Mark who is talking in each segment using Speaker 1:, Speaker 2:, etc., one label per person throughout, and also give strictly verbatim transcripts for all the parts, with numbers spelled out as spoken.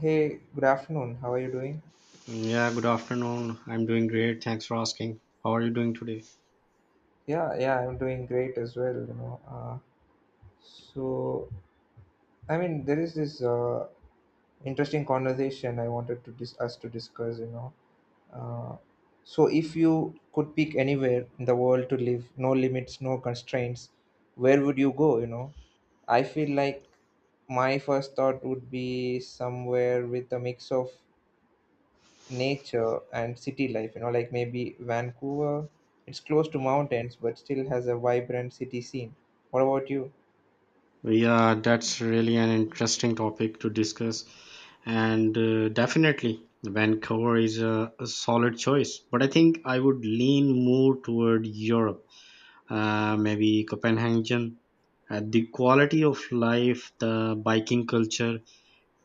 Speaker 1: Hey, good afternoon. How are you doing?
Speaker 2: Yeah, good afternoon. I'm doing great. Thanks for asking. How are you doing today?
Speaker 1: Yeah, yeah, I'm doing great as well, you know. Uh, so, I mean, there is this uh, interesting conversation I wanted to dis- us to discuss, you know. Uh, so, if you could pick anywhere in the world to live, no limits, no constraints, where would you go, you know? I feel like my first thought would be somewhere with a mix of nature and city life you know like maybe Vancouver. It's close to mountains but still has a vibrant city scene. What about you?
Speaker 2: Yeah, that's really an interesting topic to discuss. And uh, Definitely, Vancouver is a, a solid choice. But I think I would lean more toward Europe, uh, maybe Copenhagen. Uh, the quality of life, the biking culture,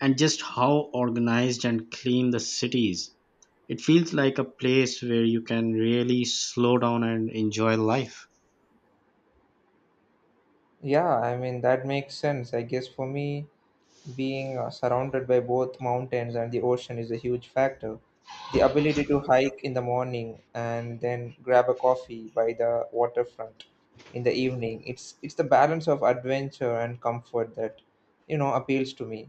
Speaker 2: and just how organized and clean the city is. It feels like a place where you can really slow down and enjoy life.
Speaker 1: Yeah, I mean that makes sense. I guess for me, being uh, surrounded by both mountains and the ocean is a huge factor. The ability to hike in the morning and then grab a coffee by the waterfront in the evening. It's it's the balance of adventure and comfort that you know appeals to me.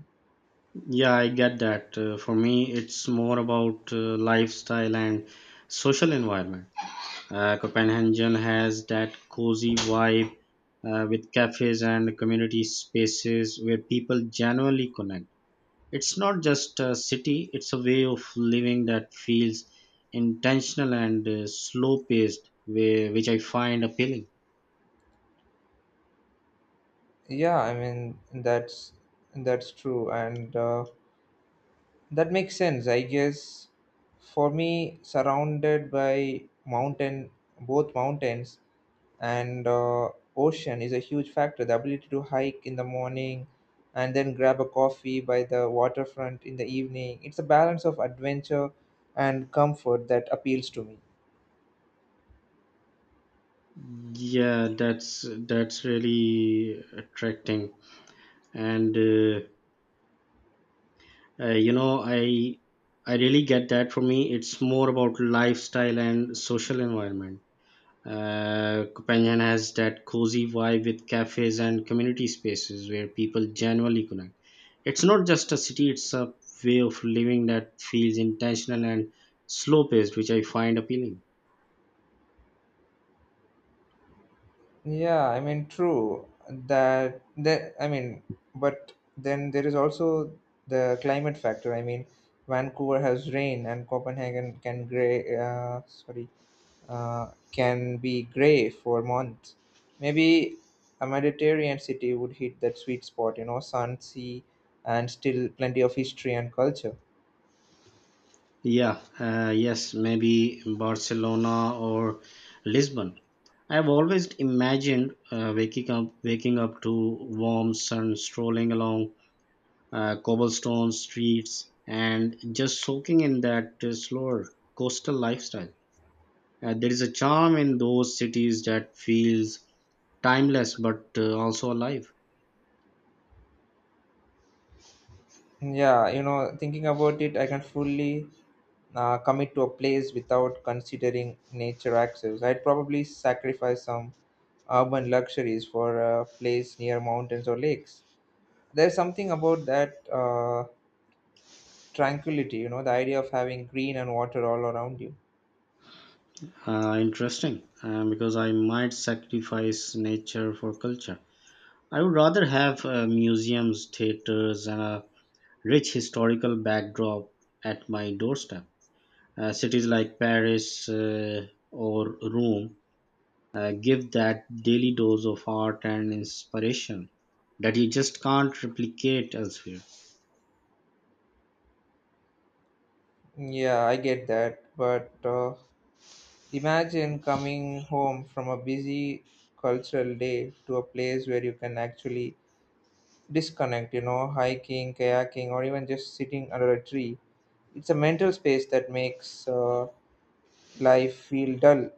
Speaker 2: Yeah, I get that. Uh, for me, it's more about uh, lifestyle and social environment. Uh, Copenhagen has that cozy vibe uh, with cafes and community spaces where people genuinely connect. It's not just a city, it's a way of living that feels intentional and uh, slow paced, which I find appealing.
Speaker 1: Yeah, I mean that's that's true, and uh, that makes sense. I guess for me, surrounded by mountain, both mountains and uh, ocean is a huge factor. The ability to hike in the morning and then grab a coffee by the waterfront in the evening. It's a balance of adventure and comfort that appeals to me.
Speaker 2: Yeah, that's that's really attracting and. Uh, Uh, you know, I I really get that. For me, it's more about lifestyle and social environment. Uh, Copenhagen has that cozy vibe with cafes and community spaces where people genuinely connect. It's not just a city; it's a way of living that feels intentional and slow paced, which I find appealing.
Speaker 1: Yeah, I mean, true that that I mean, but then there is also the climate factor. I mean, Vancouver has rain, and Copenhagen can gray. Uh, sorry, uh, can be gray for months. Maybe a Mediterranean city would hit that sweet spot. You know, sun, sea, and still plenty of history and culture.
Speaker 2: Yeah, uh, yes, maybe Barcelona or Lisbon. I've always imagined uh, waking up, waking up to warm sun, strolling along uh, cobblestone streets, and just soaking in that uh, slower coastal lifestyle. Uh, there is a charm in those cities that feels timeless but uh, also alive.
Speaker 1: Yeah, you know, thinking about it, I can fully uh, commit to a place without considering nature access. I'd probably sacrifice some urban luxuries for a place near mountains or lakes. There's something about that uh, tranquility, you know, the idea of having green and water all around you.
Speaker 2: Uh, interesting, uh, because I might sacrifice nature for culture. I would rather have uh, museums, theaters, and a rich historical backdrop at my doorstep. Uh, cities like Paris uh, or Rome uh, give that daily dose of art and inspiration that you just can't replicate elsewhere.
Speaker 1: Yeah, I get that. But uh, imagine coming home from a busy cultural day to a place where you can actually disconnect, you know, hiking, kayaking, or even just sitting under a tree. It's a mental space that makes uh, life feel dull.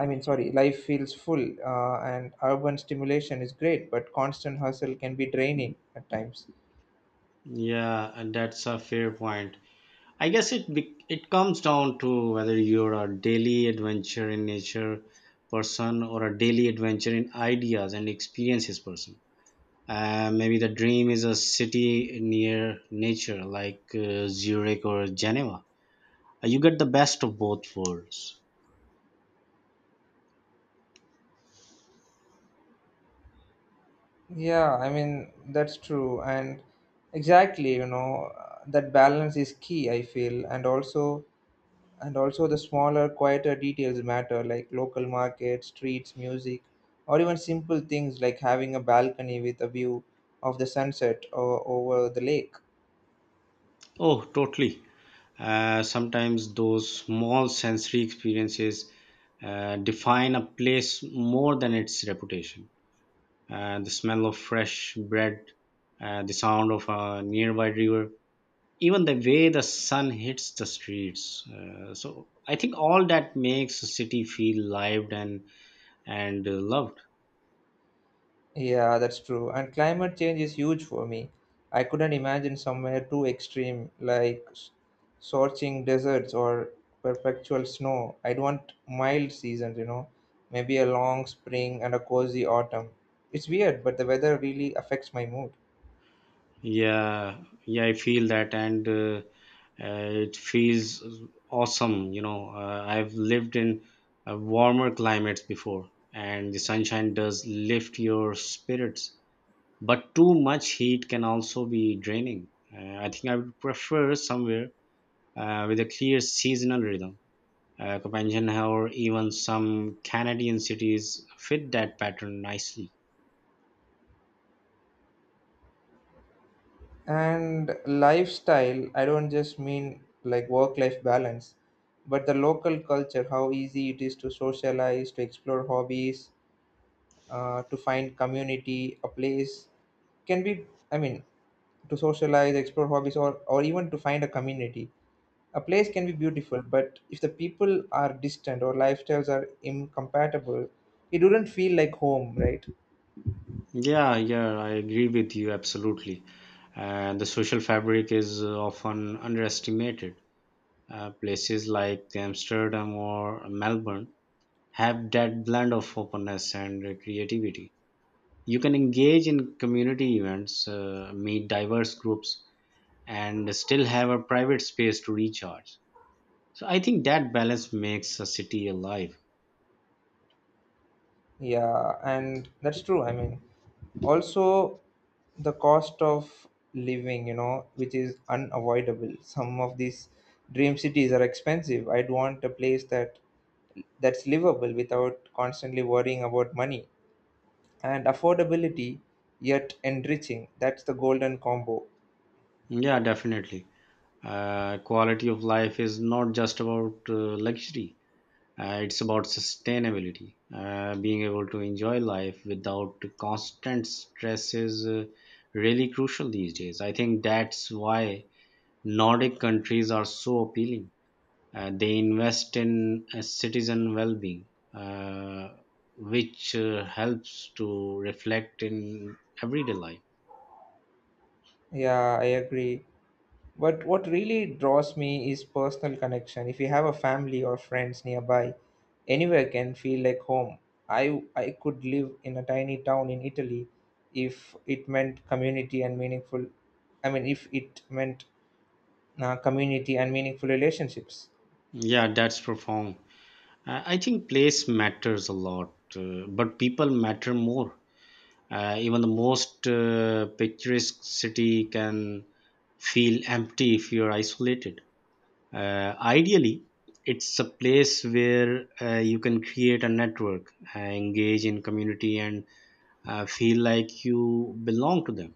Speaker 1: I mean, sorry, life feels full, uh, and urban stimulation is great but constant hustle can be draining at times.
Speaker 2: Yeah, and that's a fair point. I guess it be- it comes down to whether you're a daily adventure in nature person or a daily adventure in ideas and experiences person. Uh, maybe the dream is a city near nature, like uh, Zurich or Geneva. Uh, you get the best of both worlds.
Speaker 1: Yeah, I mean that's true. And exactly, you know uh, that balance is key, I feel. And also and also the smaller, quieter details matter, like local markets, streets, music, or even simple things like having a balcony with a view of the sunset or over the lake.
Speaker 2: Oh, totally. Uh, sometimes those small sensory experiences uh, define a place more than its reputation. Uh, the smell of fresh bread, uh, the sound of a nearby river, even the way the sun hits the streets. Uh, so I think all that makes a city feel lived and and uh, loved.
Speaker 1: Yeah, that's true. And climate change is huge for me. I couldn't imagine somewhere too extreme, like s- scorching deserts or perpetual snow. I'd want mild seasons, you know, maybe a long spring and a cozy autumn. It's weird, but the weather really affects my mood.
Speaker 2: Yeah, yeah, I feel that, and uh, uh, it feels awesome. You know, uh, I've lived in uh, warmer climates before, and the sunshine does lift your spirits. But too much heat can also be draining. Uh, I think I would prefer somewhere uh, with a clear seasonal rhythm. Uh, Copenhagen or even some Canadian cities fit that pattern nicely.
Speaker 1: And lifestyle, I don't just mean like work life balance, but the local culture, how easy it is to socialize, to explore hobbies, uh, to find community, a place can be, I mean, to socialize, explore hobbies, or or even to find a community. A place can be beautiful, but if the people are distant or lifestyles are incompatible, it wouldn't feel like home, right?
Speaker 2: Yeah, yeah, I agree with you absolutely. And the social fabric is uh, often underestimated. Uh, places like Amsterdam or Melbourne have that blend of openness and uh, creativity. You can engage in community events, uh, meet diverse groups, and still have a private space to recharge. So I think that balance makes a city alive.
Speaker 1: Yeah, and that's true, I mean. Also the cost of living, you know which is unavoidable. Some of these dream cities are expensive. I'd want a place that that's livable without constantly worrying about money and affordability, yet enriching. That's the golden combo.
Speaker 2: Yeah, definitely. Uh, quality of life is not just about uh, luxury. Uh, it's about sustainability, uh, being able to enjoy life without constant stress is uh, really crucial these days. I think that's why Nordic countries are so appealing. Uh, they invest in uh, citizen well-being, uh, which uh, helps to reflect in everyday life.
Speaker 1: Yeah, I agree. But what really draws me is personal connection. If you have a family or friends nearby, anywhere can feel like home. I I could live in a tiny town in Italy if it meant community and meaningful, I mean, if it meant uh, community and meaningful relationships.
Speaker 2: Yeah, that's profound. Uh, I think place matters a lot, uh, but people matter more. Uh, even the most uh, picturesque city can feel empty if you're isolated. Uh, ideally, it's a place where uh, you can create a network, uh, engage in community, and uh, feel like you belong to them.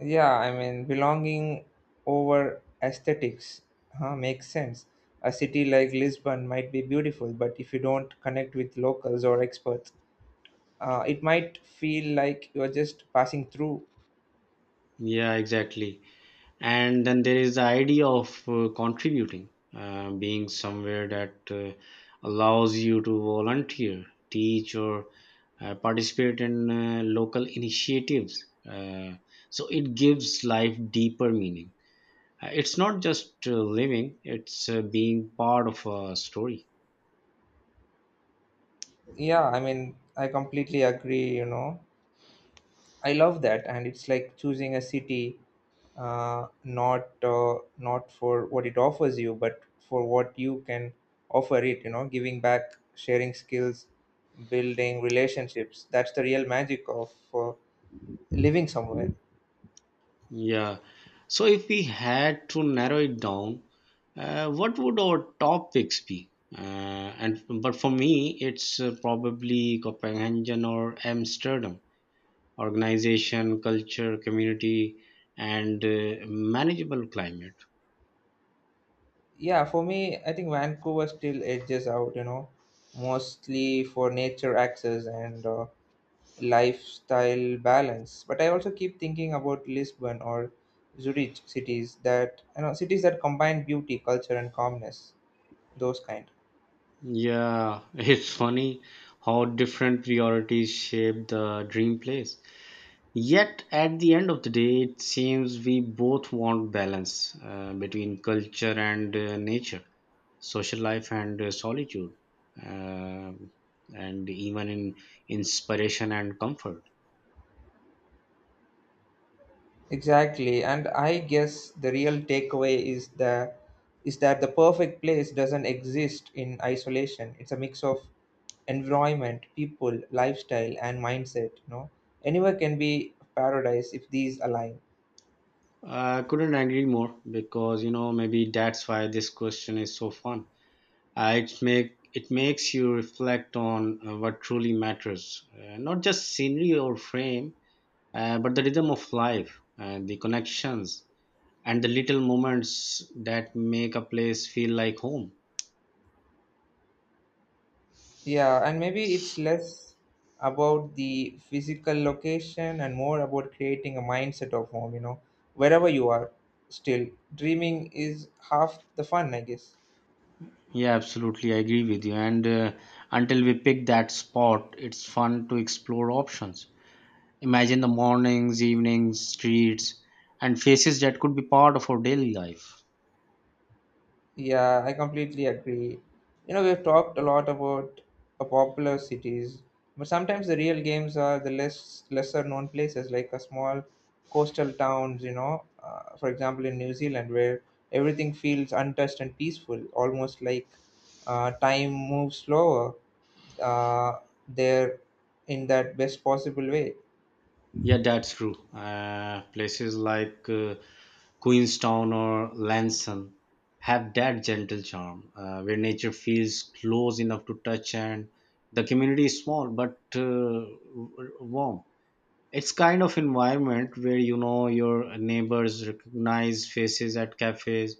Speaker 1: Yeah, I mean, belonging over aesthetics, huh, makes sense. A city like Lisbon might be beautiful, but if you don't connect with locals or experts, uh, it might feel like you're just passing through.
Speaker 2: Yeah, exactly. and then there is the idea of uh, contributing, uh, being somewhere that uh, allows you to volunteer, teach, or uh, participate in uh, local initiatives, uh, so it gives life deeper meaning. Uh, it's not just uh, living, it's uh, being part of a story.
Speaker 1: Yeah, I mean, I completely agree, you know. I love that, and it's like choosing a city, uh, not uh, not for what it offers you, but for what you can offer it. You know, giving back, sharing skills, building relationships. That's the real magic of uh, living somewhere.
Speaker 2: Yeah. So if we had to narrow it down, uh, what would our top picks be? Uh, and but for me, it's uh, probably Copenhagen or Amsterdam. Organization, culture, community, and uh, manageable climate.
Speaker 1: Yeah, for me, I think Vancouver still edges out. You know, mostly for nature access and uh, lifestyle balance. But I also keep thinking about Lisbon or Zurich, cities that you know cities that combine beauty, culture, and calmness. Those kind.
Speaker 2: Yeah, it's funny how different priorities shape the dream place. Yet, at the end of the day, it seems we both want balance uh, between culture and uh, nature, social life and uh, solitude, um, and even in inspiration and comfort.
Speaker 1: Exactly, and I guess the real takeaway is the is that the perfect place doesn't exist in isolation. It's a mix of environment, people, lifestyle, and mindset. You know, anywhere can be paradise if these align.
Speaker 2: I couldn't agree more, because you know, maybe that's why this question is so fun. uh, it make it makes you reflect on uh, what truly matters, uh, not just scenery or frame, uh, but the rhythm of life and the connections and the little moments that make a place feel like home.
Speaker 1: Yeah, and maybe it's less about the physical location and more about creating a mindset of home, you know, wherever you are, still dreaming is half the fun, I guess.
Speaker 2: Yeah, absolutely. I agree with you. And uh, Until we pick that spot, it's fun to explore options. Imagine the mornings, evenings, streets, and faces that could be part of our daily life.
Speaker 1: Yeah, I completely agree. You know, we've talked a lot about uh, popular cities, but sometimes the real games are the less lesser known places, like a small coastal towns. You know, uh, for example, in New Zealand, where everything feels untouched and peaceful, almost like uh, time moves slower, uh, there, in that best possible way.
Speaker 2: Yeah, that's true. Uh, places like uh, Queenstown or Lanson have that gentle charm uh, where nature feels close enough to touch, and the community is small but uh, w- warm. It's kind of environment where you know your neighbors, recognize faces at cafes,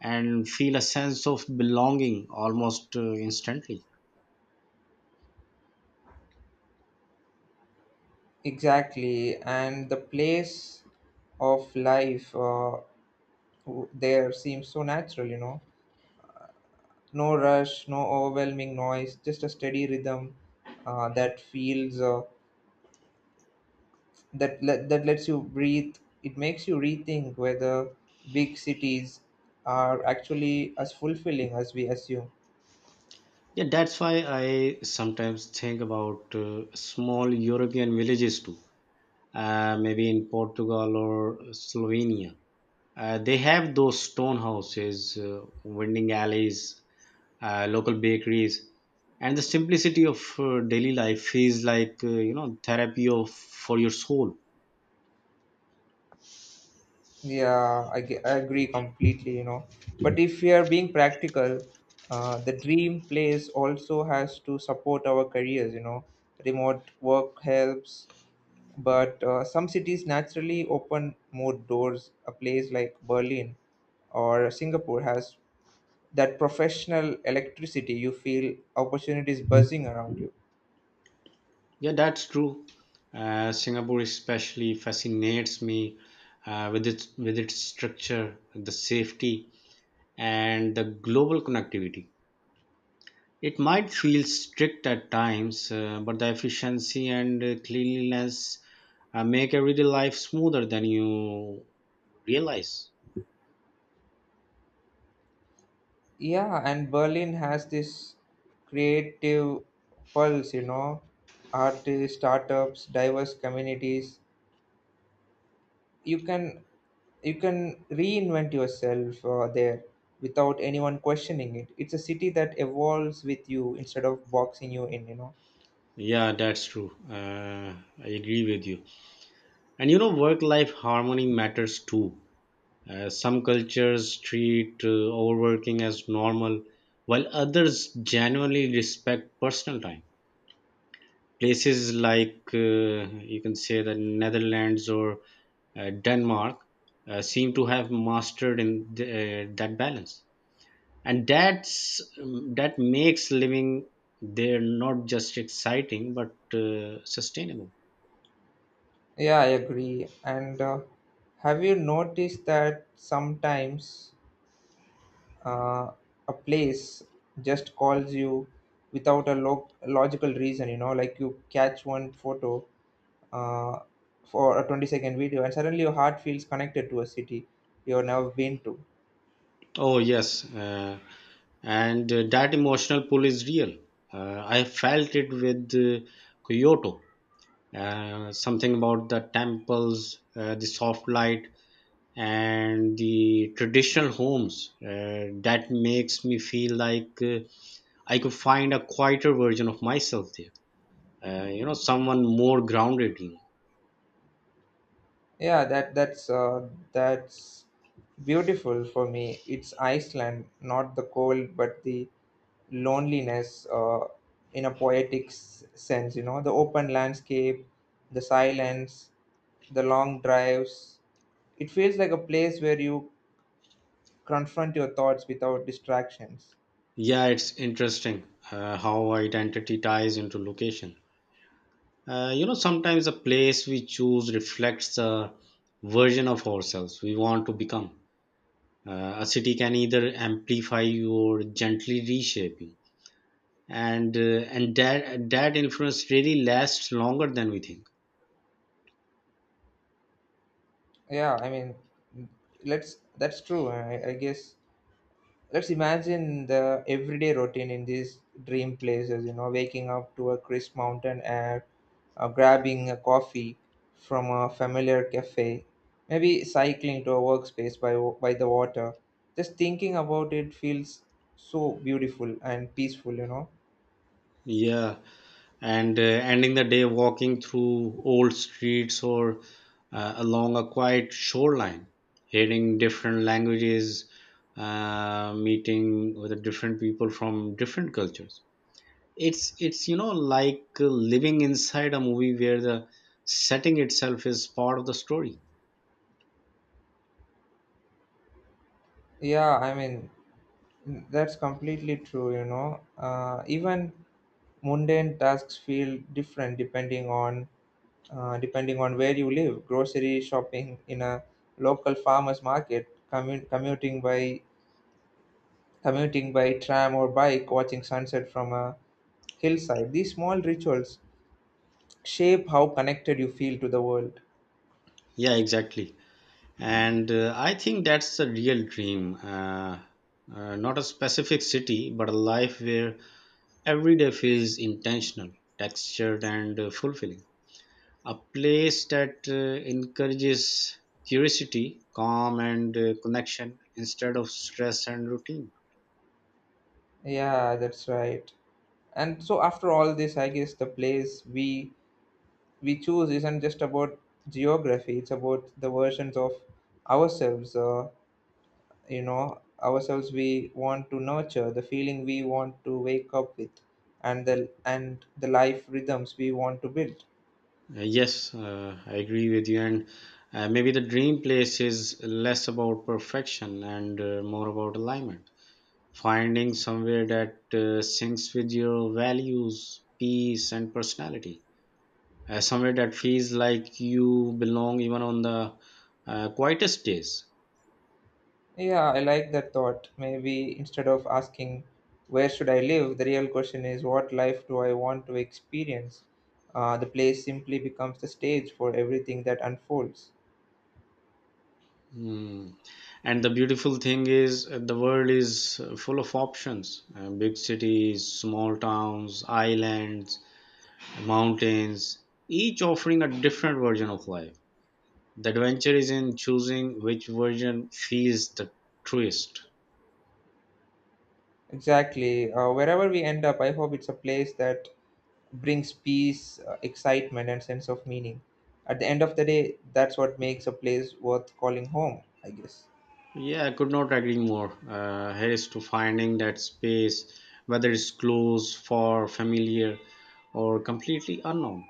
Speaker 2: and feel a sense of belonging almost uh, instantly.
Speaker 1: Exactly, and the place of life, uh, w- there seems so natural. You know, no rush, no overwhelming noise, just a steady rhythm, uh, that feels, uh, that let, that lets you breathe. It makes you rethink whether big cities are actually as fulfilling as we assume.
Speaker 2: yeah that's why I sometimes think about uh, small European villages too, uh, maybe in Portugal or Slovenia. Uh, they have those stone houses, uh, winding alleys, uh, local bakeries, and the simplicity of uh, daily life is like, uh, you know, therapy of for your soul.
Speaker 1: Yeah, I, ge- I agree completely, you know. But if we are being practical, uh, the dream place also has to support our careers, you know. Remote work helps, but uh, some cities naturally open more doors. A place like Berlin or Singapore has that professional electricity. You feel opportunities buzzing around you.
Speaker 2: Yeah, that's true. Uh, Singapore especially fascinates me uh, with its with its structure, the safety, and the global connectivity. It might feel strict at times, uh, but the efficiency and uh, cleanliness uh, make everyday life smoother than you realize.
Speaker 1: Yeah, and Berlin has this creative pulse, you know, artists, startups, diverse communities. You can you can reinvent yourself uh, there without anyone questioning it. It's a city that evolves with you instead of boxing you in, you know.
Speaker 2: Yeah, that's true. Uh, I agree with you. And you know, work life harmony matters too. Uh, some cultures treat uh, overworking as normal, while others genuinely respect personal time. Places like uh, you can say the Netherlands or uh, Denmark uh, seem to have mastered in the, uh, that balance, and that's um, that makes living there not just exciting but uh, sustainable.
Speaker 1: Yeah, I agree. And uh, have you noticed that sometimes uh, a place just calls you without a lo- logical reason? You know, like you catch one photo uh, for a twenty second video, and suddenly your heart feels connected to a city you've never been to.
Speaker 2: Oh yes. Uh, and uh, That emotional pull is real. Uh, i felt it with uh, Kyoto. Uh, something about the temples, uh, the soft light, and the traditional homes, uh, that makes me feel like uh, I could find a quieter version of myself there, uh, you know, someone more grounded, you know.
Speaker 1: Yeah, that that's uh, that's beautiful for me. It's Iceland, not the cold, but the loneliness, uh, in a poetic s- sense. You know, the open landscape, the silence, the long drives. It feels like a place where you confront your thoughts without distractions.
Speaker 2: Yeah it's interesting uh, how identity ties into location. Uh, you know, sometimes the place we choose reflects the version of ourselves we want to become. Uh, a city can either amplify you or gently reshape you, and uh, and that that influence really lasts longer than we think.
Speaker 1: Yeah, I mean, let's. That's true. I, I guess, let's imagine the everyday routine in these dream places, you know, waking up to a crisp mountain air, uh, grabbing a coffee from a familiar cafe, maybe cycling to a workspace by, wa- by the water. Just thinking about it feels so beautiful and peaceful, you know.
Speaker 2: Yeah, and uh, ending the day walking through old streets or uh, along a quiet shoreline, hearing different languages, uh, meeting with different people from different cultures, it's it's you know, like uh, living inside a movie where the setting itself is part of the story.
Speaker 1: Yeah, I mean, mm, that's completely true, you know. Uh, even mundane tasks feel different depending on, uh, depending on where you live, grocery shopping in a local farmers market, commu- commuting by commuting by tram or bike, watching sunset from a hillside. These small rituals shape how connected you feel to the world.
Speaker 2: yeah exactly, and uh, I think that's the real dream, uh, uh, not a specific city but a life where every day feels intentional, textured, and uh, fulfilling. A place that uh, encourages curiosity, calm, and uh, connection instead of stress and routine.
Speaker 1: Yeah, that's right. And so after all this, I guess the place we we choose isn't just about geography. It's about the versions of ourselves uh, you know ourselves we want to nurture, the feeling we want to wake up with, and the and the life rhythms we want to build.
Speaker 2: Uh, Yes, uh, I agree with you. And uh, maybe the dream place is less about perfection and uh, more about alignment. Finding somewhere that uh, syncs with your values, peace, and personality. Uh, somewhere that feels like you belong even on the uh, quietest days.
Speaker 1: Yeah, I like that thought. Maybe instead of asking where should I live, the real question is what life do I want to experience? Uh, the place simply becomes the stage for everything that unfolds.
Speaker 2: Mm. And the beautiful thing is, uh, the world is uh, full of options: uh, big cities, small towns, islands, mountains, each offering a different version of life. The adventure is in choosing which version feels the truest.
Speaker 1: Exactly, uh, wherever we end up, I hope it's a place that brings peace, uh, excitement, and sense of meaning. At the end of the day, that's what makes a place worth calling home, I guess.
Speaker 2: Yeah, I could not agree more. Uh, here's to finding that space, whether it's close, far, familiar, or completely unknown.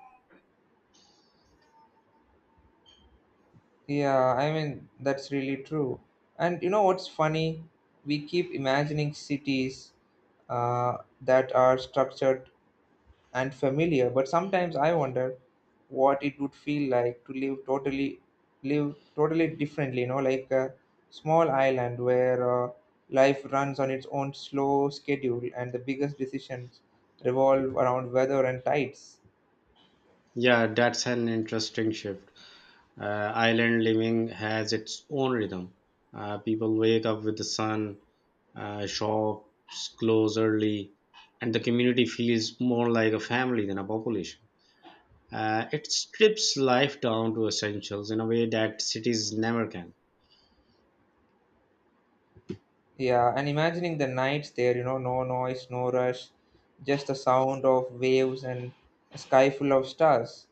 Speaker 1: Yeah, I mean, that's really true. And you know what's funny? We keep imagining cities uh, that are structured and familiar, but sometimes I wonder what it would feel like to live totally live totally differently, you know, like a small island where uh, life runs on its own slow schedule and the biggest decisions revolve around weather and tides.
Speaker 2: Yeah, that's an interesting shift. Uh, island living has its own rhythm. Uh, people wake up with the sun, uh, shops close early, and the community feels more like a family than a population. Uh, it strips life down to essentials in a way that cities never can.
Speaker 1: Yeah, and imagining the nights there, you know, no noise, no rush, just the sound of waves and a sky full of stars.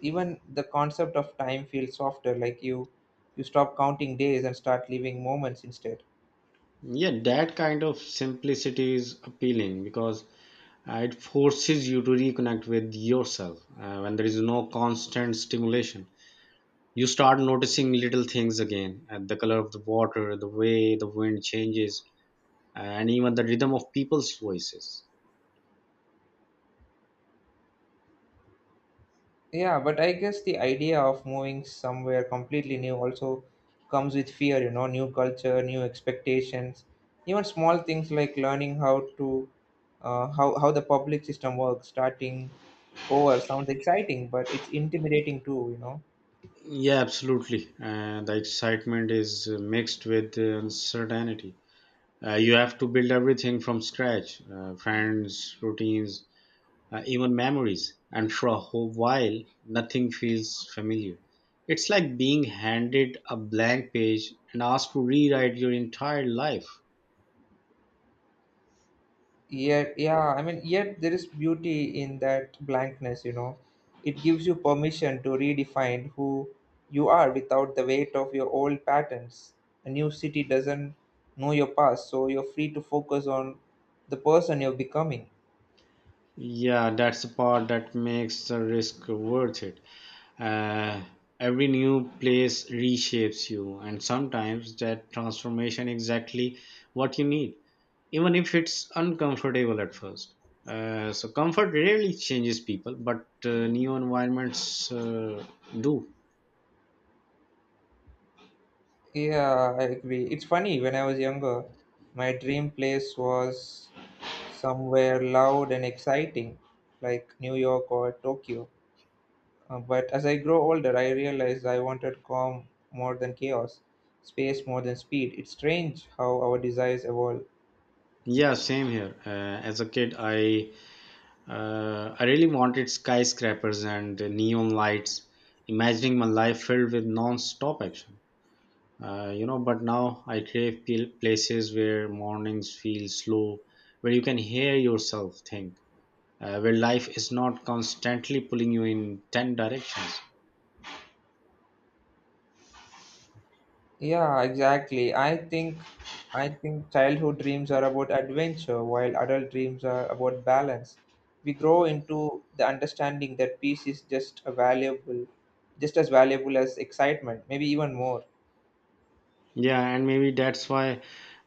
Speaker 1: Even the concept of time feels softer, like you you stop counting days and start living moments instead.
Speaker 2: Yeah, that kind of simplicity is appealing because uh, it forces you to reconnect with yourself uh, when there is no constant stimulation. You start noticing little things again, uh, the color of the water, the way the wind changes, uh, and even the rhythm of people's voices.
Speaker 1: Yeah, but I guess the idea of moving somewhere completely new also comes with fear, you know new culture, new expectations, even small things like learning how to, uh, how how the public system works. Starting over sounds exciting, but it's intimidating too you know
Speaker 2: Yeah, absolutely. Uh, the excitement is uh, mixed with uh, uncertainty. Uh, you have to build everything from scratch, uh, friends, routines, uh, even memories. And for a whole while, nothing feels familiar. It's like being handed a blank page and asked to rewrite your entire life.
Speaker 1: Yet, yeah, I mean, yet there is beauty in that blankness, you know. It gives you permission to redefine who you are without the weight of your old patterns. A new city doesn't know your past, so you're free to focus on the person you're becoming.
Speaker 2: Yeah, that's the part that makes the risk worth it. Uh, every new place reshapes you, and sometimes that transformation exactly what you need, even if it's uncomfortable at first. Uh, so comfort rarely changes people, but uh, new environments uh, do.
Speaker 1: Yeah, I agree. It's funny, when I was younger, my dream place was somewhere loud and exciting, like New York or Tokyo. Uh, but as I grow older, I realized I wanted calm more than chaos, space more than speed. It's strange how our desires evolve.
Speaker 2: Yeah, same here. Uh, as a kid, I uh, I really wanted skyscrapers and neon lights, imagining my life filled with non-stop action, uh, you know. But now i crave pl- places where mornings feel slow, where you can hear yourself think, uh, where life is not constantly pulling you in ten directions.
Speaker 1: Yeah, exactly. I think I think childhood dreams are about adventure while adult dreams are about balance. We grow into the understanding that peace is just a valuable just as valuable as excitement, maybe even more.
Speaker 2: Yeah and maybe that's why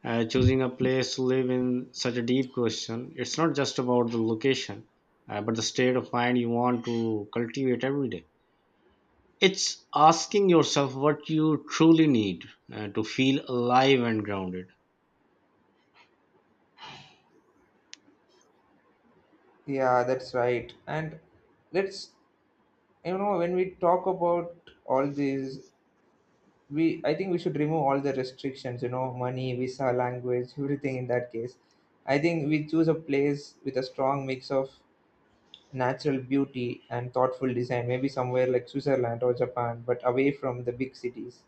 Speaker 2: uh, choosing a place to live in such a deep question. It's not just about the location, uh, but the state of mind you want to cultivate every day. It's asking yourself what you truly need uh, to feel alive and grounded.
Speaker 1: Yeah, that's right. And let's, you know, when we talk about all these, we I think we should remove all the restrictions, you know, money, visa, language, everything. In that case, I think we choose a place with a strong mix of natural beauty and thoughtful design, maybe somewhere like Switzerland or Japan, but away from the big cities.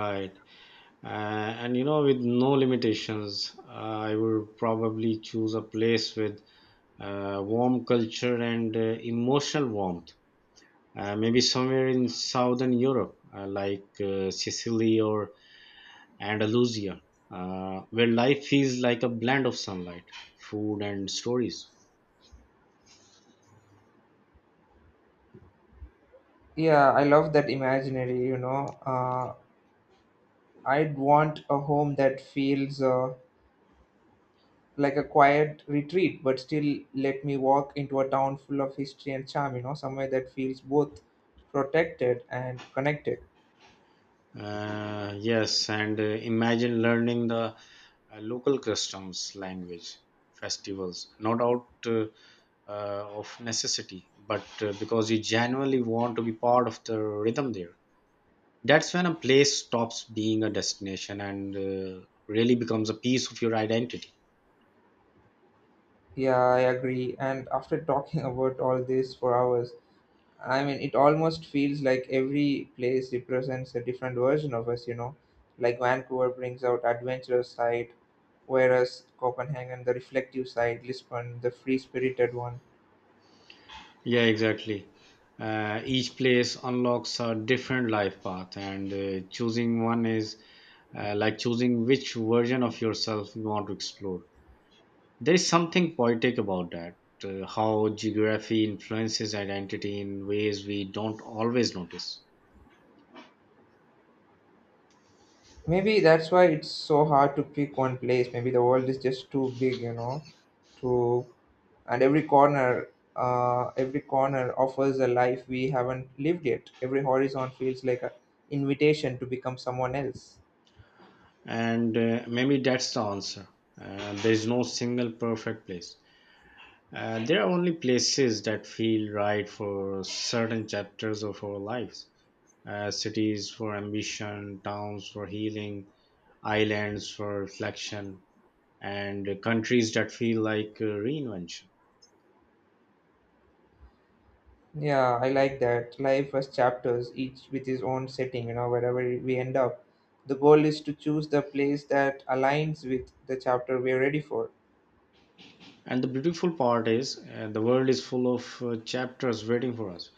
Speaker 2: Right. Uh, and you know, with no limitations, uh, I would probably choose a place with uh, warm culture and uh, emotional warmth. Uh, maybe somewhere in southern Europe, uh, like uh, Sicily or Andalusia, uh, where life feels like a blend of sunlight, food, and stories.
Speaker 1: Yeah, I love that imaginary, you know. uh, I'd want a home that feels uh, like a quiet retreat, but still let me walk into a town full of history and charm, you know, somewhere that feels both protected and connected.
Speaker 2: Uh, yes, and uh, imagine learning the uh, local customs, language, festivals, not out uh, uh, of necessity, but uh, because you genuinely want to be part of the rhythm there. That's when a place stops being a destination and uh, really becomes a piece of your identity.
Speaker 1: Yeah, I agree. And after talking about all this for hours, I mean, it almost feels like every place represents a different version of us, you know. Like Vancouver brings out adventurous side, whereas Copenhagen the reflective side, Lisbon the free-spirited one.
Speaker 2: Yeah, exactly. Uh, each place unlocks a different life path, and uh, choosing one is uh, like choosing which version of yourself you want to explore. There is something poetic about that, uh, how geography influences identity in ways we don't always notice.
Speaker 1: Maybe that's why it's so hard to pick one place. Maybe the world is just too big, you know, to, and every corner, uh, every corner offers a life we haven't lived yet. Every horizon feels like an invitation to become someone else.
Speaker 2: And uh, maybe that's the answer. Uh, there is no single perfect place. Uh, there are only places that feel right for certain chapters of our lives: Uh, cities for ambition, towns for healing, islands for reflection, and countries that feel like uh, reinvention.
Speaker 1: Yeah, I like that life has chapters, each with his own setting, you know. Wherever we end up, the goal is to choose the place that aligns with the chapter we're ready for.
Speaker 2: And the beautiful part is, uh, the world is full of uh, chapters waiting for us.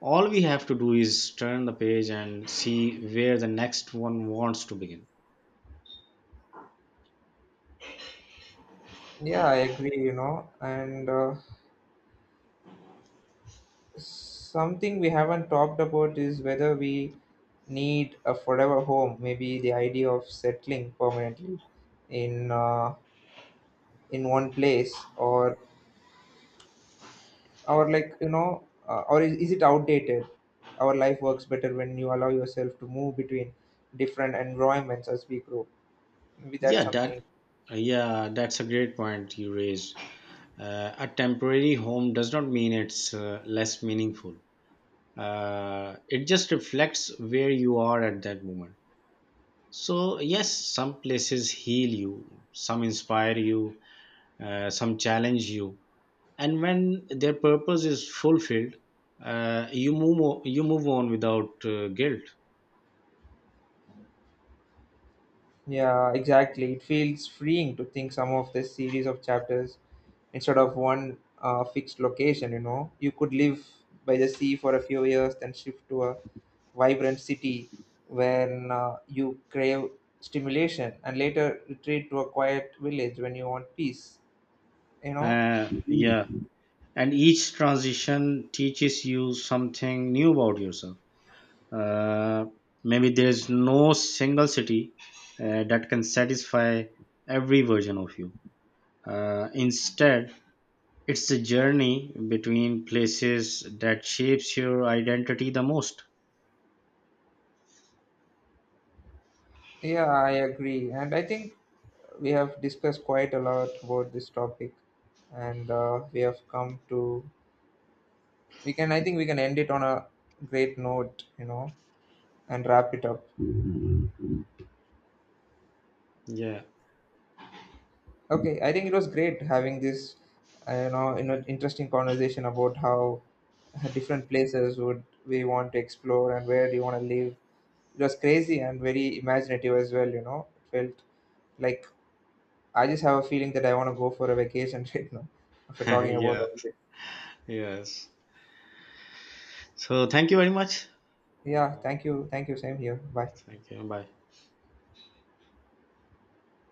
Speaker 2: All we have to do is turn the page and see where the next one wants to begin.
Speaker 1: Yeah, I agree, you know. And uh, something we haven't talked about is whether we need a forever home. Maybe the idea of settling permanently in, uh, in one place, or or like, you know, uh, or is, is it outdated? Our life works better when you allow yourself to move between different environments as we grow. Maybe that's
Speaker 2: Yeah, that.
Speaker 1: something.
Speaker 2: uh, Yeah, that's a great point you raised. Uh, a temporary home does not mean it's uh, less meaningful. Uh, it just reflects where you are at that moment. So, yes, some places heal you, some inspire you, uh, some challenge you, and when their purpose is fulfilled, uh, you move o- you move on without uh, guilt.
Speaker 1: Yeah, exactly. It feels freeing to think some of this series of chapters instead of one uh, fixed location, you know. You could live by the sea for a few years, then shift to a vibrant city when, uh, you crave stimulation, and later retreat to a quiet village when you want peace, you know.
Speaker 2: Uh, yeah and each transition teaches you something new about yourself. Uh, maybe there's no single city uh, that can satisfy every version of you. Uh, instead, it's the journey between places that shapes your identity the most.
Speaker 1: Yeah, I agree. And I think we have discussed quite a lot about this topic, and uh, we have come to we can I think we can end it on a great note, you know, and wrap it up.
Speaker 2: Yeah.
Speaker 1: Okay, I think it was great having this, uh, you know, in interesting conversation about how uh, different places would we want to explore and where do you want to live. It was crazy and very imaginative as well, you know. It felt like, I just have a feeling that I want to go for a vacation right now, after talking about
Speaker 2: Yeah.
Speaker 1: all of this.
Speaker 2: Yes, so thank you very much.
Speaker 1: Yeah,
Speaker 2: uh,
Speaker 1: thank you, thank you, same here, bye.
Speaker 2: Thank you. Bye.